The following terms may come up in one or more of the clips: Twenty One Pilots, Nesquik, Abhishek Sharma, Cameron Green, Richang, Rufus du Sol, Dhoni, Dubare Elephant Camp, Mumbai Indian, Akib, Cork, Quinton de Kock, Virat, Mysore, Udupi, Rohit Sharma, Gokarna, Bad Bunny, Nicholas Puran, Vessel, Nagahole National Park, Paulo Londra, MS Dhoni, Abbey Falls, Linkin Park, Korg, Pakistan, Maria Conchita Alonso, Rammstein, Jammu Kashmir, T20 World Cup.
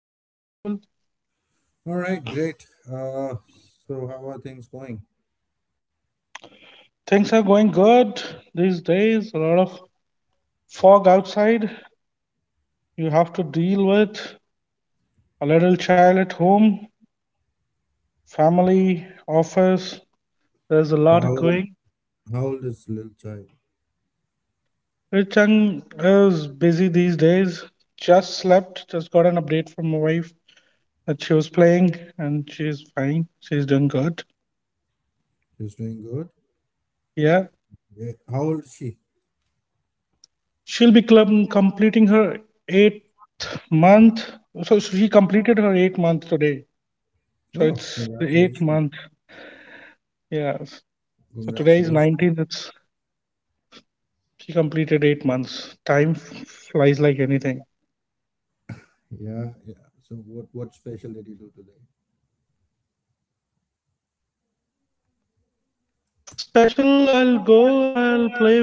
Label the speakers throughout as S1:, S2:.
S1: Yes, you are audible.
S2: All right, great. So how are things going?
S1: Things are going good these days. A lot of fog outside you have to deal with. A little child at home, family, office. There's a
S2: So how
S1: lot
S2: old,
S1: going.
S2: how old is little child?
S1: Richang is busy these days. Just slept, just got an update from my wife that she was playing and she's fine. She's doing good.
S2: She's doing good.
S1: Yeah.
S2: Great. How old is she?
S1: She'll be completing her eighth month. So she completed her eighth month today. So
S2: Oh,
S1: it's the eighth
S2: congratulations!
S1: month. Yes. So today is
S2: Congratulations.
S1: 19th. It's She completed 8 months. Time flies like anything.
S2: Yeah. So what special did you do today?
S1: Special, I'll go, I'll play with her, and then I'll see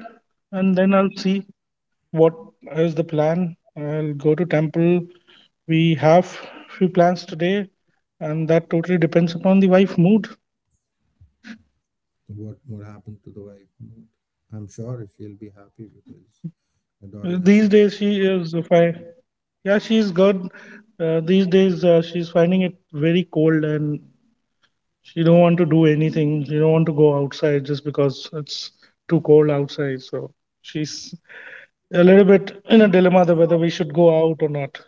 S1: what is the plan. I'll go to temple. We have few plans today, and that totally depends upon the wife mood.
S2: So What happened to the wife? I'm sure she'll be happy because
S1: These
S2: the
S1: days
S2: daughter has
S1: she
S2: something.
S1: is fine. Yeah, she's good. These days she's finding it very cold, and she don't want to do anything. She don't want to go outside just because it's too cold outside. So she's a little bit in a dilemma that whether we should go out or not.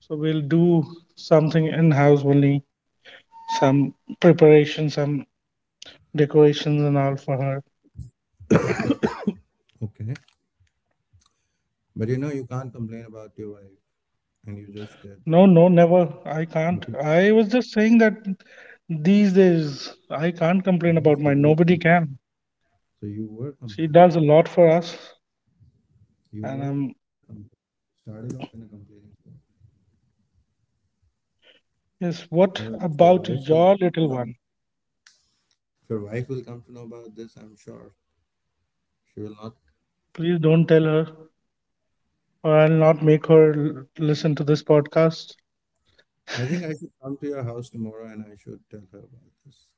S1: So we'll do something in house only, some preparation, some decorations and all for her.
S2: Okay, but you know you can't complain about your wife, and you just did.
S1: No, no, never. I can't. I was just saying that these days I can't complain about
S2: So
S1: mine.
S2: you
S1: Nobody
S2: were
S1: can.
S2: so you were
S1: She
S2: complaining.
S1: does a lot for us,
S2: You were
S1: and
S2: com- started off in a complaining tone.
S1: yes. What
S2: Well, your
S1: about
S2: wife will
S1: your
S2: come to
S1: little
S2: know.
S1: one?
S2: Your wife will come to know about this. I'm sure she will not.
S1: Please don't tell her, or I'll not make her listen to this podcast.
S2: I think I should come to your house tomorrow and I should tell her about this.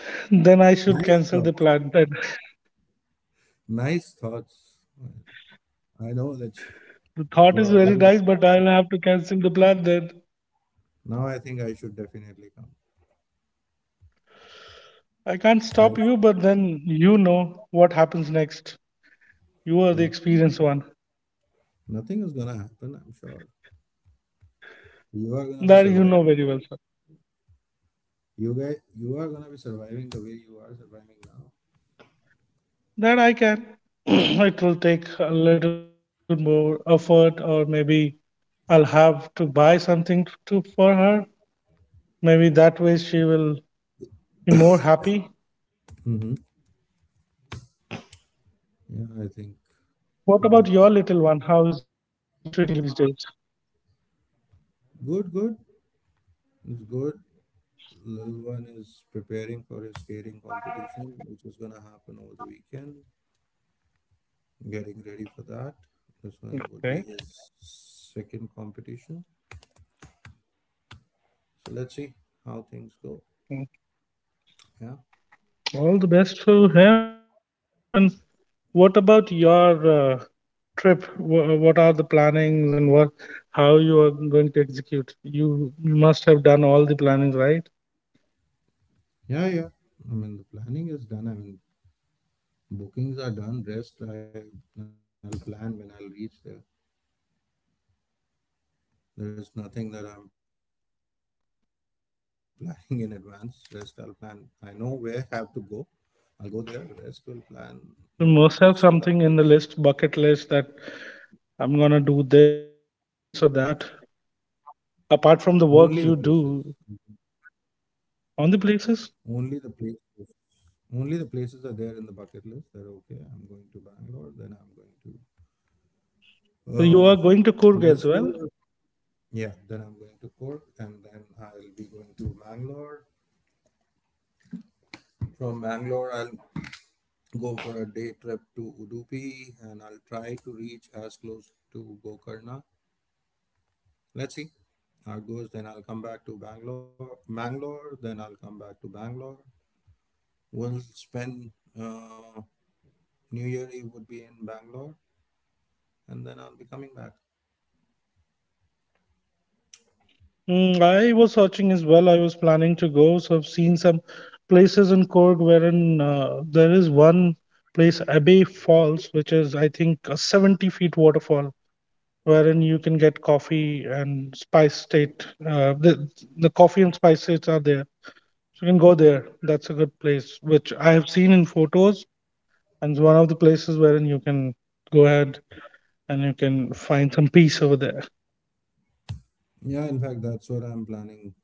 S1: Then I should
S2: Nice
S1: cancel the
S2: thoughts.
S1: plan. Then
S2: Nice thoughts. I know that she,
S1: the thought
S2: you
S1: is
S2: are
S1: very
S2: already.
S1: nice, but I'll have to cancel the plan then.
S2: Now I think I should definitely come.
S1: I can't
S2: I
S1: stop you, but then you know what happens next. You are the
S2: nothing,
S1: experienced one.
S2: nothing is gonna happen. I'm sure you are gonna be
S1: That you know
S2: surviving.
S1: very well, sir.
S2: You guys, you are gonna be surviving the way you are surviving now.
S1: That I can. It will take a little more effort, or maybe I'll have to buy something to for her. Maybe that way she will be more happy.
S2: Mm-hmm.
S1: What
S2: Yeah,
S1: about
S2: I
S1: your
S2: think.
S1: little one? How is he treating you these days?
S2: Good, good. It's good. Little one is preparing for his skating competition, which is gonna happen over the weekend. Getting ready for that.
S1: Okay.
S2: This one would be his second competition. So let's see how
S1: Mm.
S2: things go. Yeah.
S1: All the best for him. And what about your trip? What are the plannings and what how you are going to execute? You must have done all the plannings, right?
S2: Yeah, yeah. I mean, the planning is done. Bookings are done. Rest, I'll plan when I'll reach there. There is nothing that I'm planning in advance. Rest, I'll plan. I know where I have to go. I'll go there. Rest, will plan when we'll reach to that
S1: You
S2: place.
S1: must have something in the list, bucket list that I'm gonna do this or that. Apart from the work you
S2: Only the
S1: do
S2: places.
S1: on the places,
S2: Only the places. Only the places are there in the bucket list that okay, I'm going to Bangalore, then I'm going
S1: so you are going to
S2: to
S1: Kurg as well.
S2: Mysore. Yeah, then I'm going to Cork, and then I'll be going to Bangalore. From Bangalore, I'll go for a day trip to Udupi, and I'll try to reach as close to Gokarna. Let's see how it goes. Then I'll come back to Bangalore. Bangalore. Then I'll come back to Bangalore. We'll spend. Uh, New Year Eve would be in Bangalore, and then I'll be coming back.
S1: Mm, I was searching as well. I was planning to go, so I've seen some places in Cork wherein there is one place, Abbey Falls, which is I think a 70 feet waterfall, wherein you can get coffee and spice state. The coffee and spice states are there, so you can go there. That's a good place, which I have seen in photos, and it's one of the places wherein you can go ahead and you can find some peace over there.
S2: Yeah, in fact, that's what I'm planning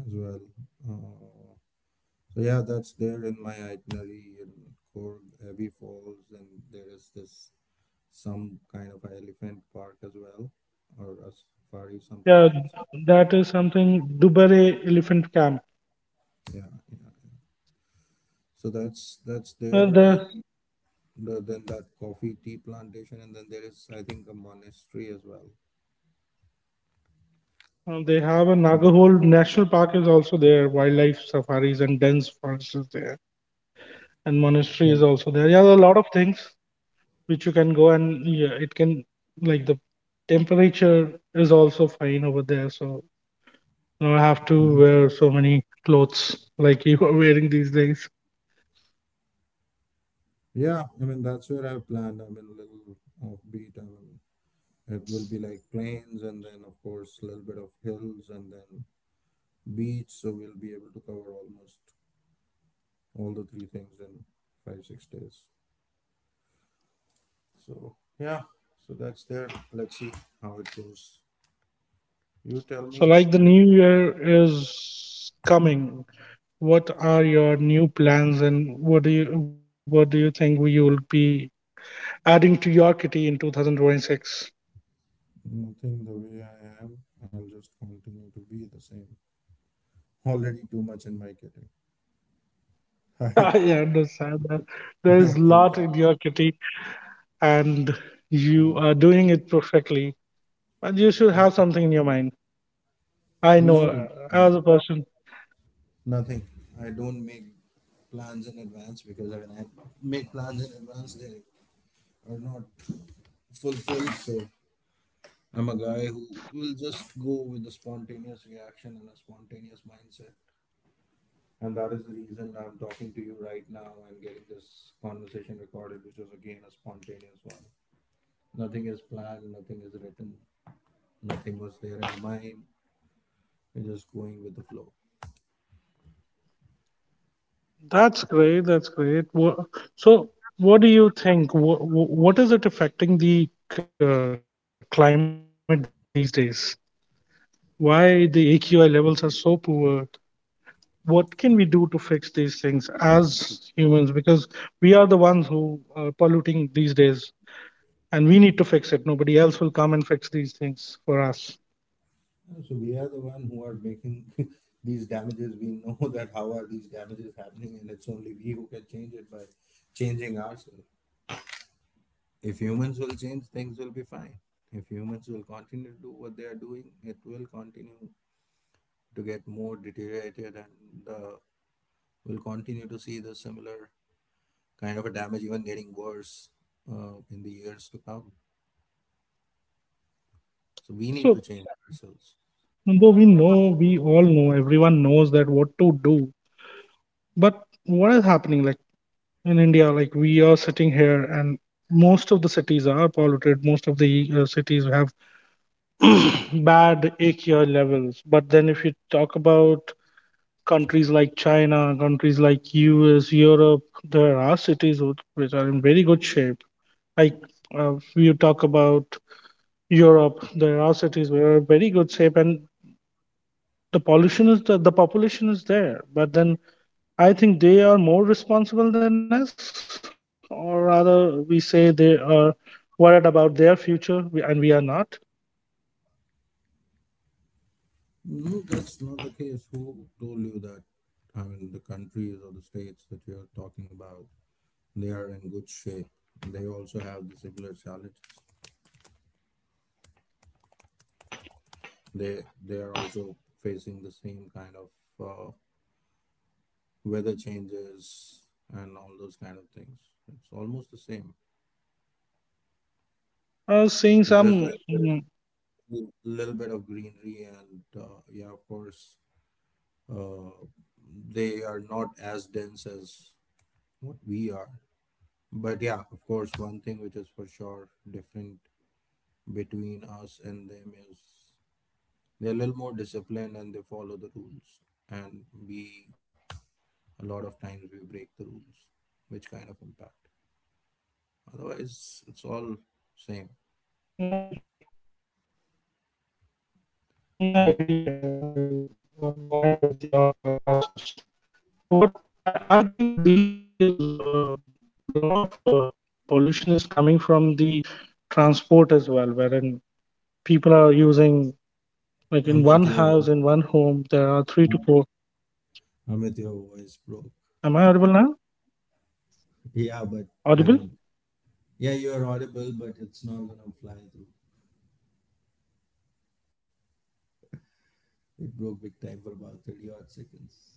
S2: as well. Uh, so yeah, that's there in my itinerary in Korg, Abbey Falls, and there is this some kind of elephant park as well, or a safari,
S1: Yeah,
S2: something of that sort.
S1: that is something. Dubare Elephant Camp.
S2: Yeah, yeah. So that's
S1: Uh,
S2: there,
S1: the,
S2: and then that coffee tea plantation, and then there is I think a monastery as well.
S1: they have a Nagahole National Park is also there. Wildlife safaris and dense forests is there, and monastery
S2: Yeah.
S1: is also there. Yeah, there are a lot of things which you can go and yeah, it can like the temperature is also fine over there. So you don't have to wear so many clothes like you are wearing these days.
S2: Yeah, I mean that's where I've planned. I mean a little offbeat. I mean it will be like plains and then of course a little bit of hills and then beach. So we'll be able to cover almost all the three things in 5 6 days. So yeah, so that's there. Let's see how it goes. You tell me.
S1: So like the new year is coming. What are your new plans, and what do you think you'll be adding to your kitty in 2026?
S2: Nothing the way I am. I'll just continue to be the same. Already too much in my kitty. I
S1: I understand that
S2: I
S1: there's
S2: think
S1: a
S2: I'm.
S1: lot in your kitty, and you are doing it perfectly. But you should have something in your mind. I know
S2: No.
S1: as a person.
S2: Nothing. I don't make plans in advance because when I make plans in advance, they are not fulfilled. So I'm a guy who will just go with a spontaneous reaction and a spontaneous mindset. And that is the reason I'm talking to you right now and getting this conversation recorded, which was again a spontaneous one. Nothing is planned, nothing is written, nothing was there in mind. We're just going with the flow.
S1: That's great. That's great. So, what do you think? What is it affecting the climate these days? Why the AQI levels are so poor? What can we do to fix these things as humans, because we are the ones who are polluting these days, and we need to fix it. Nobody else will come and fix these things for us.
S2: Yeah, so we are the one who are making these damages. We know that how are these damages happening, and it's only we who can change it by changing ourselves. If humans will change, things will be fine. If humans will continue to do what they are doing, it will continue to get more deteriorated, and we'll continue to see the similar kind of a damage, even getting worse in the years to come. So we need to
S1: So
S2: change ourselves.
S1: though we know, we all know, everyone knows that what to do, but what is happening? Like in India, like we are sitting here and most of the cities are polluted, most of the cities have bad AQI levels. But then if you talk about countries like China, countries like US, Europe, there are cities which are in very good shape. Like if you talk about Europe, there are cities which are in very good shape, and the population is there. But then I think they are more responsible than us, or rather, we say they are worried about their future, and we are not.
S2: No, that's not the case. Who told you that? I mean, the countries or the states that you're talking about, they are in good shape. They also have the similar challenges. They are also facing the same kind of uh, weather changes and all those kind of things. It's almost the same.
S1: Seeing
S2: It's just
S1: some,
S2: that there
S1: yeah,
S2: is a little bit of greenery, and yeah, of course, uh, they are not as dense as what we are. But yeah, of course, one thing which is for sure different between us and them is they're a little more disciplined and they follow the rules. And we, a lot of times, we break the rules, which kind of impact.
S1: I
S2: Otherwise, it's
S1: agree.
S2: all same,
S1: Yeah, I agree. I'm aligned with
S2: right?
S1: your thought process. So what I think these days, the lot of pollution is coming from the transport as well, wherein people are using like in one house, in one home, there are
S2: Amit,
S1: three
S2: your
S1: to
S2: voice.
S1: four. Am
S2: Amit,
S1: I
S2: your
S1: audible now?
S2: voice broke.
S1: Audible?
S2: Yeah, but I mean, yeah, you're audible, but it's not gonna fly through. It broke big time for about 30 odd seconds.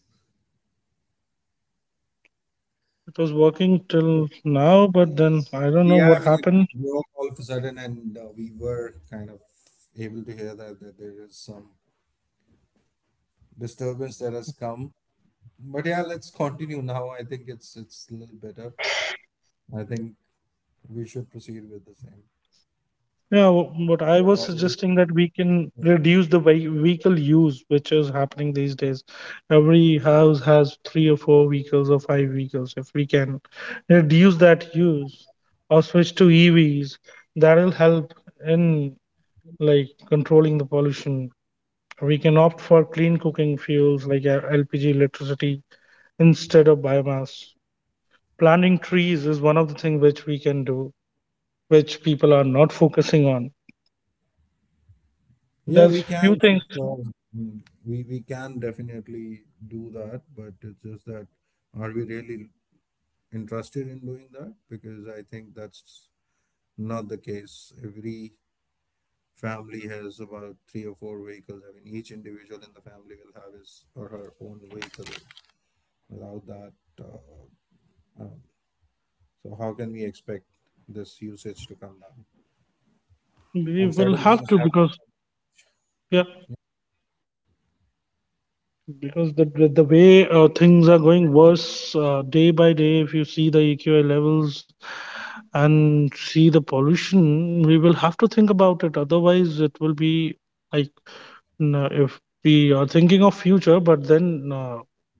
S1: It was working till now, but then I don't know what
S2: Yeah, I mean, it
S1: happened.
S2: broke all of a sudden, and we were kind of able to hear that, that there is some disturbance that has come. But yeah, let's continue now. I think it's a little better. I think we should proceed with the same.
S1: Yeah, what I
S2: We are
S1: was
S2: already.
S1: suggesting that we can reduce the vehicle use, which is happening these days. Every house has three or four vehicles or five vehicles. If we can reduce that use or switch to EVs, that'll help in like controlling the pollution. We can opt for clean cooking fuels like LPG, electricity instead of biomass. Planting trees is one of the things which we can do, which people are not focusing on.
S2: Yeah, we
S1: There's few
S2: can for
S1: things
S2: sure. Mm, we can definitely do that, but it's just that are we really interested in doing that? Because I think that's not the case. Every family has about three or four vehicles. I mean, each individual in the family will have his or her own vehicle. Without that, uh, um, so how can we expect this usage to come down?
S1: we
S2: And
S1: will
S2: certain
S1: have
S2: things
S1: to,
S2: have. I
S1: because yeah, because the way things are going worse day by day. If you see the AQI levels and see the pollution, we will have to think about it. Otherwise, it will be like if we are thinking of future, but then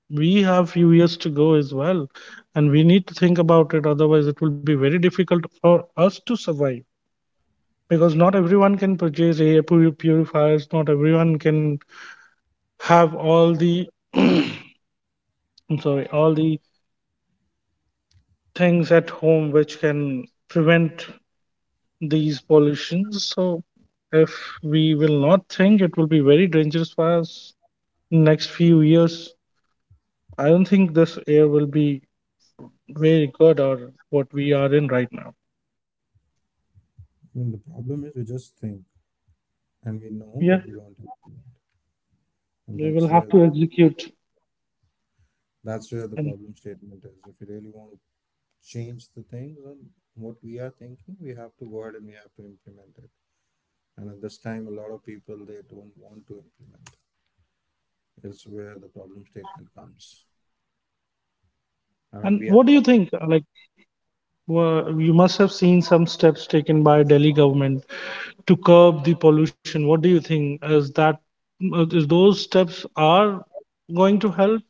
S1: we have few years to go as well, and we need to think about it. Otherwise, it will be very difficult for us to survive, because not everyone can purchase air purifiers. Not everyone can have all the I'm sorry, all the things at home which can prevent these pollutions. So if we will not think, it will be very dangerous for us in next few years. I don't think this air will be very good or what we are in right now.
S2: mean, the problem is we just think and we know,
S1: Yeah,
S2: but we don't implement. And
S1: we will have to execute.
S2: that's where the
S1: And
S2: problem statement is. If you really want to change the things and what we are thinking, we have to go ahead and we have to implement it. And at this time, a lot of people they don't want to implement. Is where the problem statement comes. I
S1: and
S2: mean, we
S1: what
S2: are
S1: do you think? Like, you must have seen some steps taken by Delhi government to curb the pollution? What do you think? Is that is those steps are going to help?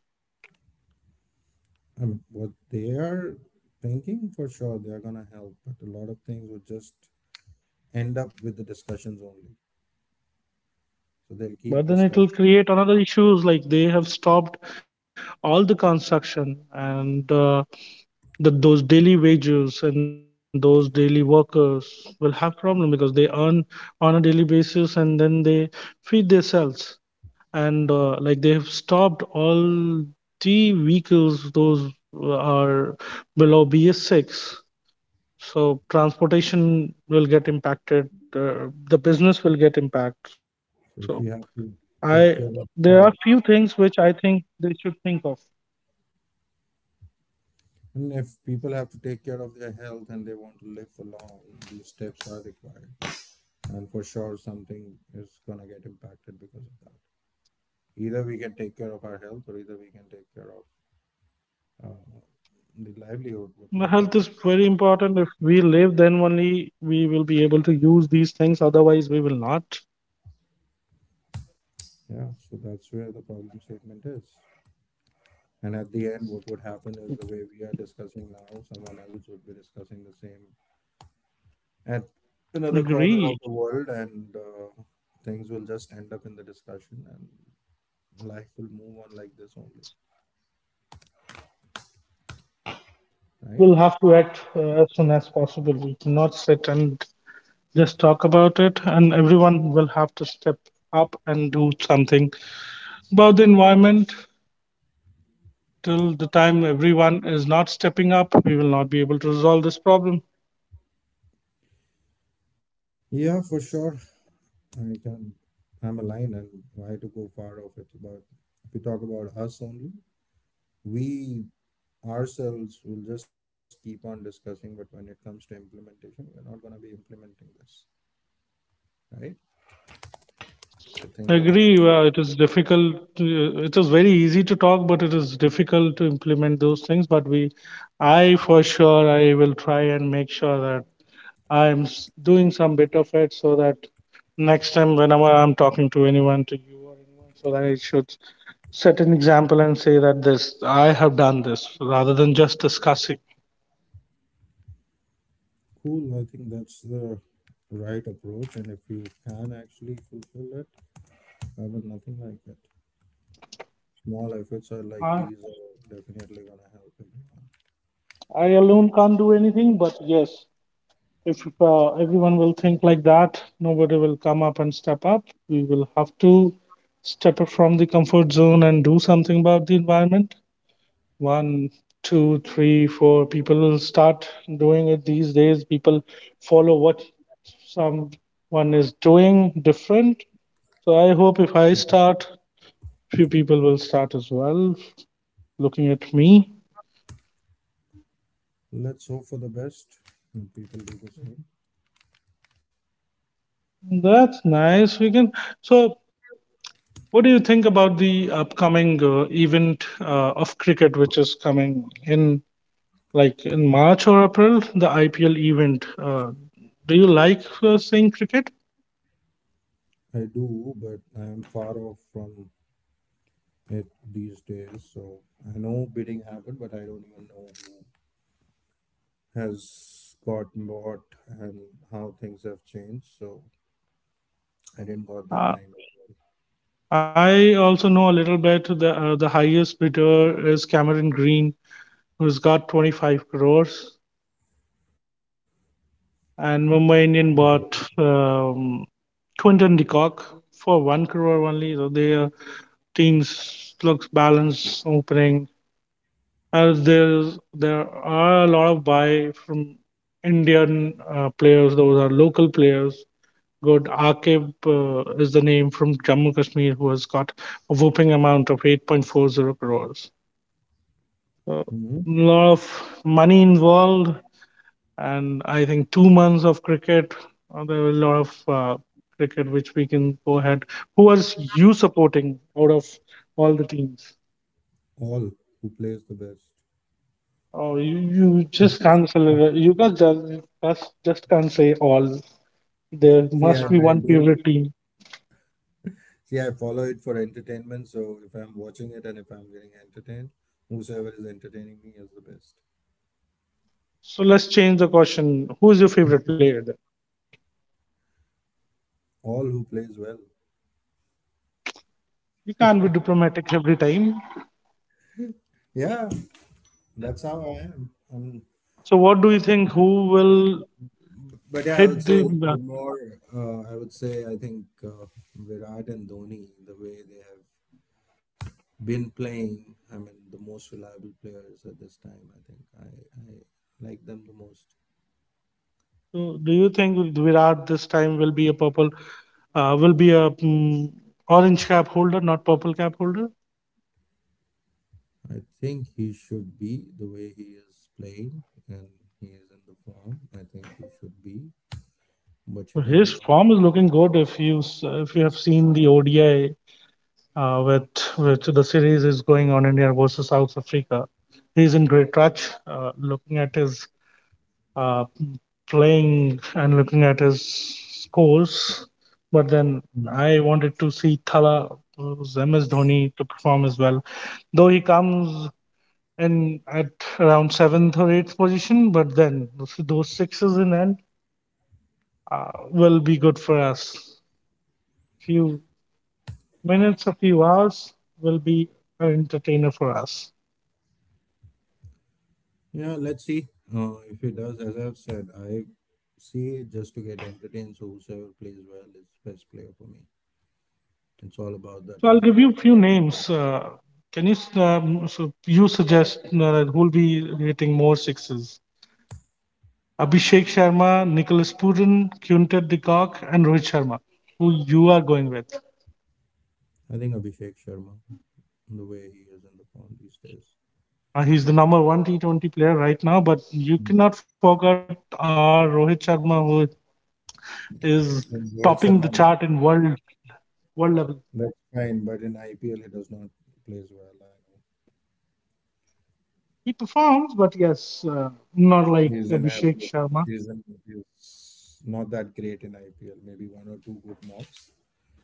S2: I mean, what they are thinking for sure they are gonna help, but a lot of things would just end up with the discussions only. So they'll keep
S1: But then it
S2: discussing.
S1: will create another issues like they have stopped all the construction and those daily wages and those daily workers will have problem because they earn on a daily basis and then they feed themselves, and like they have stopped all the vehicles those are below BS6. So transportation will get impacted. The business will get impacted. So
S2: So if we have
S1: I
S2: to
S1: there
S2: take
S1: are
S2: care of
S1: few things
S2: our
S1: which I think they should think of.
S2: and if people have to take care of their health and they want to live for long, these steps are required. And for sure something is gonna get impacted because of that. Either we can take care of our health or either we can take care of uh, the
S1: The health is
S2: livelihood what
S1: very
S2: we are talking.
S1: important. If we live, then only we will be able to use these things. Otherwise, we will not
S2: Yeah, so that's where the problem statement is. And at the end, what would happen is the way we are discussing now, someone else would be discussing the same at another
S1: agree.
S2: corner of the world, and things will just end up in the discussion, and life will move on like this only,
S1: We'll
S2: right?
S1: have to act as soon as possible. We cannot sit and just talk about it, and everyone will have to step up and do something about the environment. Till the time everyone is not stepping up, we will not be able to resolve this problem.
S2: Yeah, for sure. I can. I'm aligned, and why to go far off it? But if we talk about us only, we ourselves will just keep on discussing, but when it comes to implementation, we're not going to be implementing this, right? So things
S1: I
S2: are gonna
S1: agree. It is difficult. To, it is very easy to talk, but it is difficult to implement those things. But we, I for sure, I will try and make sure that I'm doing some bit of it, so that next time, whenever I'm talking to anyone, to you or anyone, so that I should set an example and say that this I have done this rather than just discussing.
S2: cool. I think that's the right approach, and if you can actually fulfill it, I mean, nothing like that. Small efforts are like
S1: I,
S2: these are definitely gonna help everyone.
S1: I alone can't do anything, but yes, if everyone will think like that, nobody will come up and step up. We will have to step up from the comfort zone and do something about the environment. One, two, three, four people will start doing it. These days people follow what someone is doing different. So I hope if I
S2: Mm-hmm.
S1: start, few people will start as well, looking at me.
S2: Let's hope for the best. People do the same.
S1: That's nice. We can so. What do you think about the upcoming event of cricket, which is coming in like in March or April, the IPL event? Do you like seeing cricket?
S2: I do, but I am far off from it these days. So I know bidding happened, but I don't even know who has got bought and how things have changed. So I didn't got that time.
S1: Uh, I also know a little bit. The highest bidder is Cameron Green, who's got 25 crores, and Mumbai
S2: Great.
S1: Indian bought Quinton de Kock for one crore only. So their teams looks balanced opening. There are a lot of buy from Indian players. Those are local players. Good Akib is the name from Jammu Kashmir who has got a whooping amount of 8.40 crores. So a
S2: Hmm.
S1: lot of money involved, and I think 2 months of cricket. There were a lot of cricket which we can go ahead. Who was you supporting out of all the teams?
S2: All who plays the best.
S1: Oh, you just can't celebrate. You guys just, just can't say all.
S2: See, I,
S1: There
S2: I
S1: must be
S2: don't
S1: one favorite team.
S2: see. I follow it for entertainment. So if I'm watching it and if I'm getting entertained, whosoever is entertaining me is the best.
S1: So let's change the question. Who is your favorite player then?
S2: All who plays well.
S1: You can't be diplomatic every time.
S2: Yeah, that's how I am.
S1: So what do you think? Who will
S2: But yeah, I would
S1: hit
S2: say
S1: the?
S2: the more I would say I think Virat and Dhoni, the way they have been playing. I mean, the most reliable players at this time. I think I like them the most.
S1: So do you think Virat this time will be a purple? Will be a mm, orange cap holder, not purple cap holder?
S2: I think he should be the way he is playing and he is in the form. I think he should be, but you
S1: So
S2: never
S1: his
S2: know.
S1: form is looking good. If you have seen the ODI with which the series is going on India versus South Africa. He's in great touch. Looking at his uh, playing and looking at his scores, but then
S2: Mhm.
S1: I wanted to see Thala MS Dhoni to perform as well. Though he comes in at around seventh or eighth position, but then those sixes in end will be good for us. Few minutes, a few hours will be an entertainer for us.
S2: Yeah, let's see if he does. As I've said, I see it just to get entertained. So whosoever plays well is best player for me. It's all about
S1: So
S2: that
S1: I'll give you
S2: moment.
S1: a few names. Can you so you suggest who will be hitting more sixes? Abhishek Sharma, Nicholas Puran, Quintet de Kock, and Rohit Sharma, who you are going with.
S2: I think Abhishek Sharma, the way he is in the form these days.
S1: He's the number one T20 player right now, but you cannot forget our Rohit Sharma, who is
S2: And Rohit
S1: topping the
S2: Sharma,
S1: chart in world level.
S2: that's fine, but in IPL he does not plays well. I know.
S1: He performs, but yes,
S2: He's
S1: not
S2: an
S1: like
S2: average.
S1: Abhishek Sharma.
S2: He's not that great in IPL. Maybe one or two good knocks,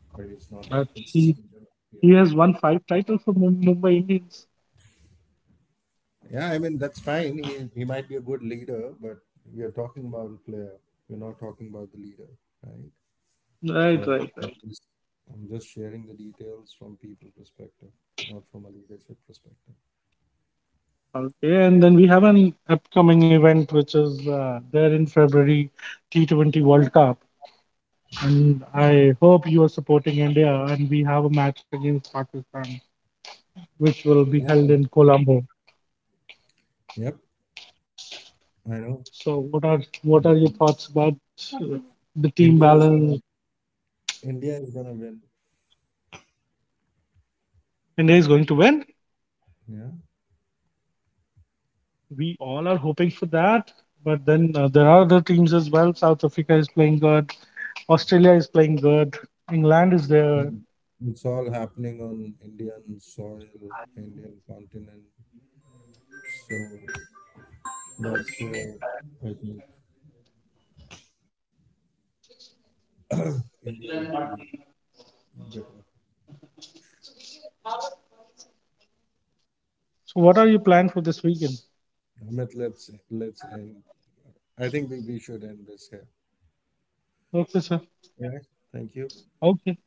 S2: but he's not that
S1: But
S2: consistent in IPL.
S1: he has won five titles for Mumbai Indians.
S2: Yeah, I mean that's fine. He might be a good leader, but we are talking about a player. We're not talking about the leader, right? So
S1: Right, right, right.
S2: I'm just sharing the details from people perspective, not from a leadership perspective.
S1: Okay, and then we have an upcoming event which is there in February, T20 World Cup, and I hope you are supporting India. And we have a match against Pakistan, which will be
S2: Yeah.
S1: held in Colombo.
S2: Yep. I know.
S1: So, what are your thoughts about uh, the team
S2: India is gonna.
S1: balance?
S2: India is gonna win.
S1: India is going to win.
S2: Yeah.
S1: We all are hoping for that. But then there are other teams as well. South Africa is playing good. Australia is playing good. England is there.
S2: It's all happening on Indian soil, Indian continent. So that's where I think India would be better.
S1: So, what are your plan for this weekend?
S2: Ahmed, let's end. I think we should end this here.
S1: Okay, sir.
S2: Yeah. Thank you.
S1: Okay.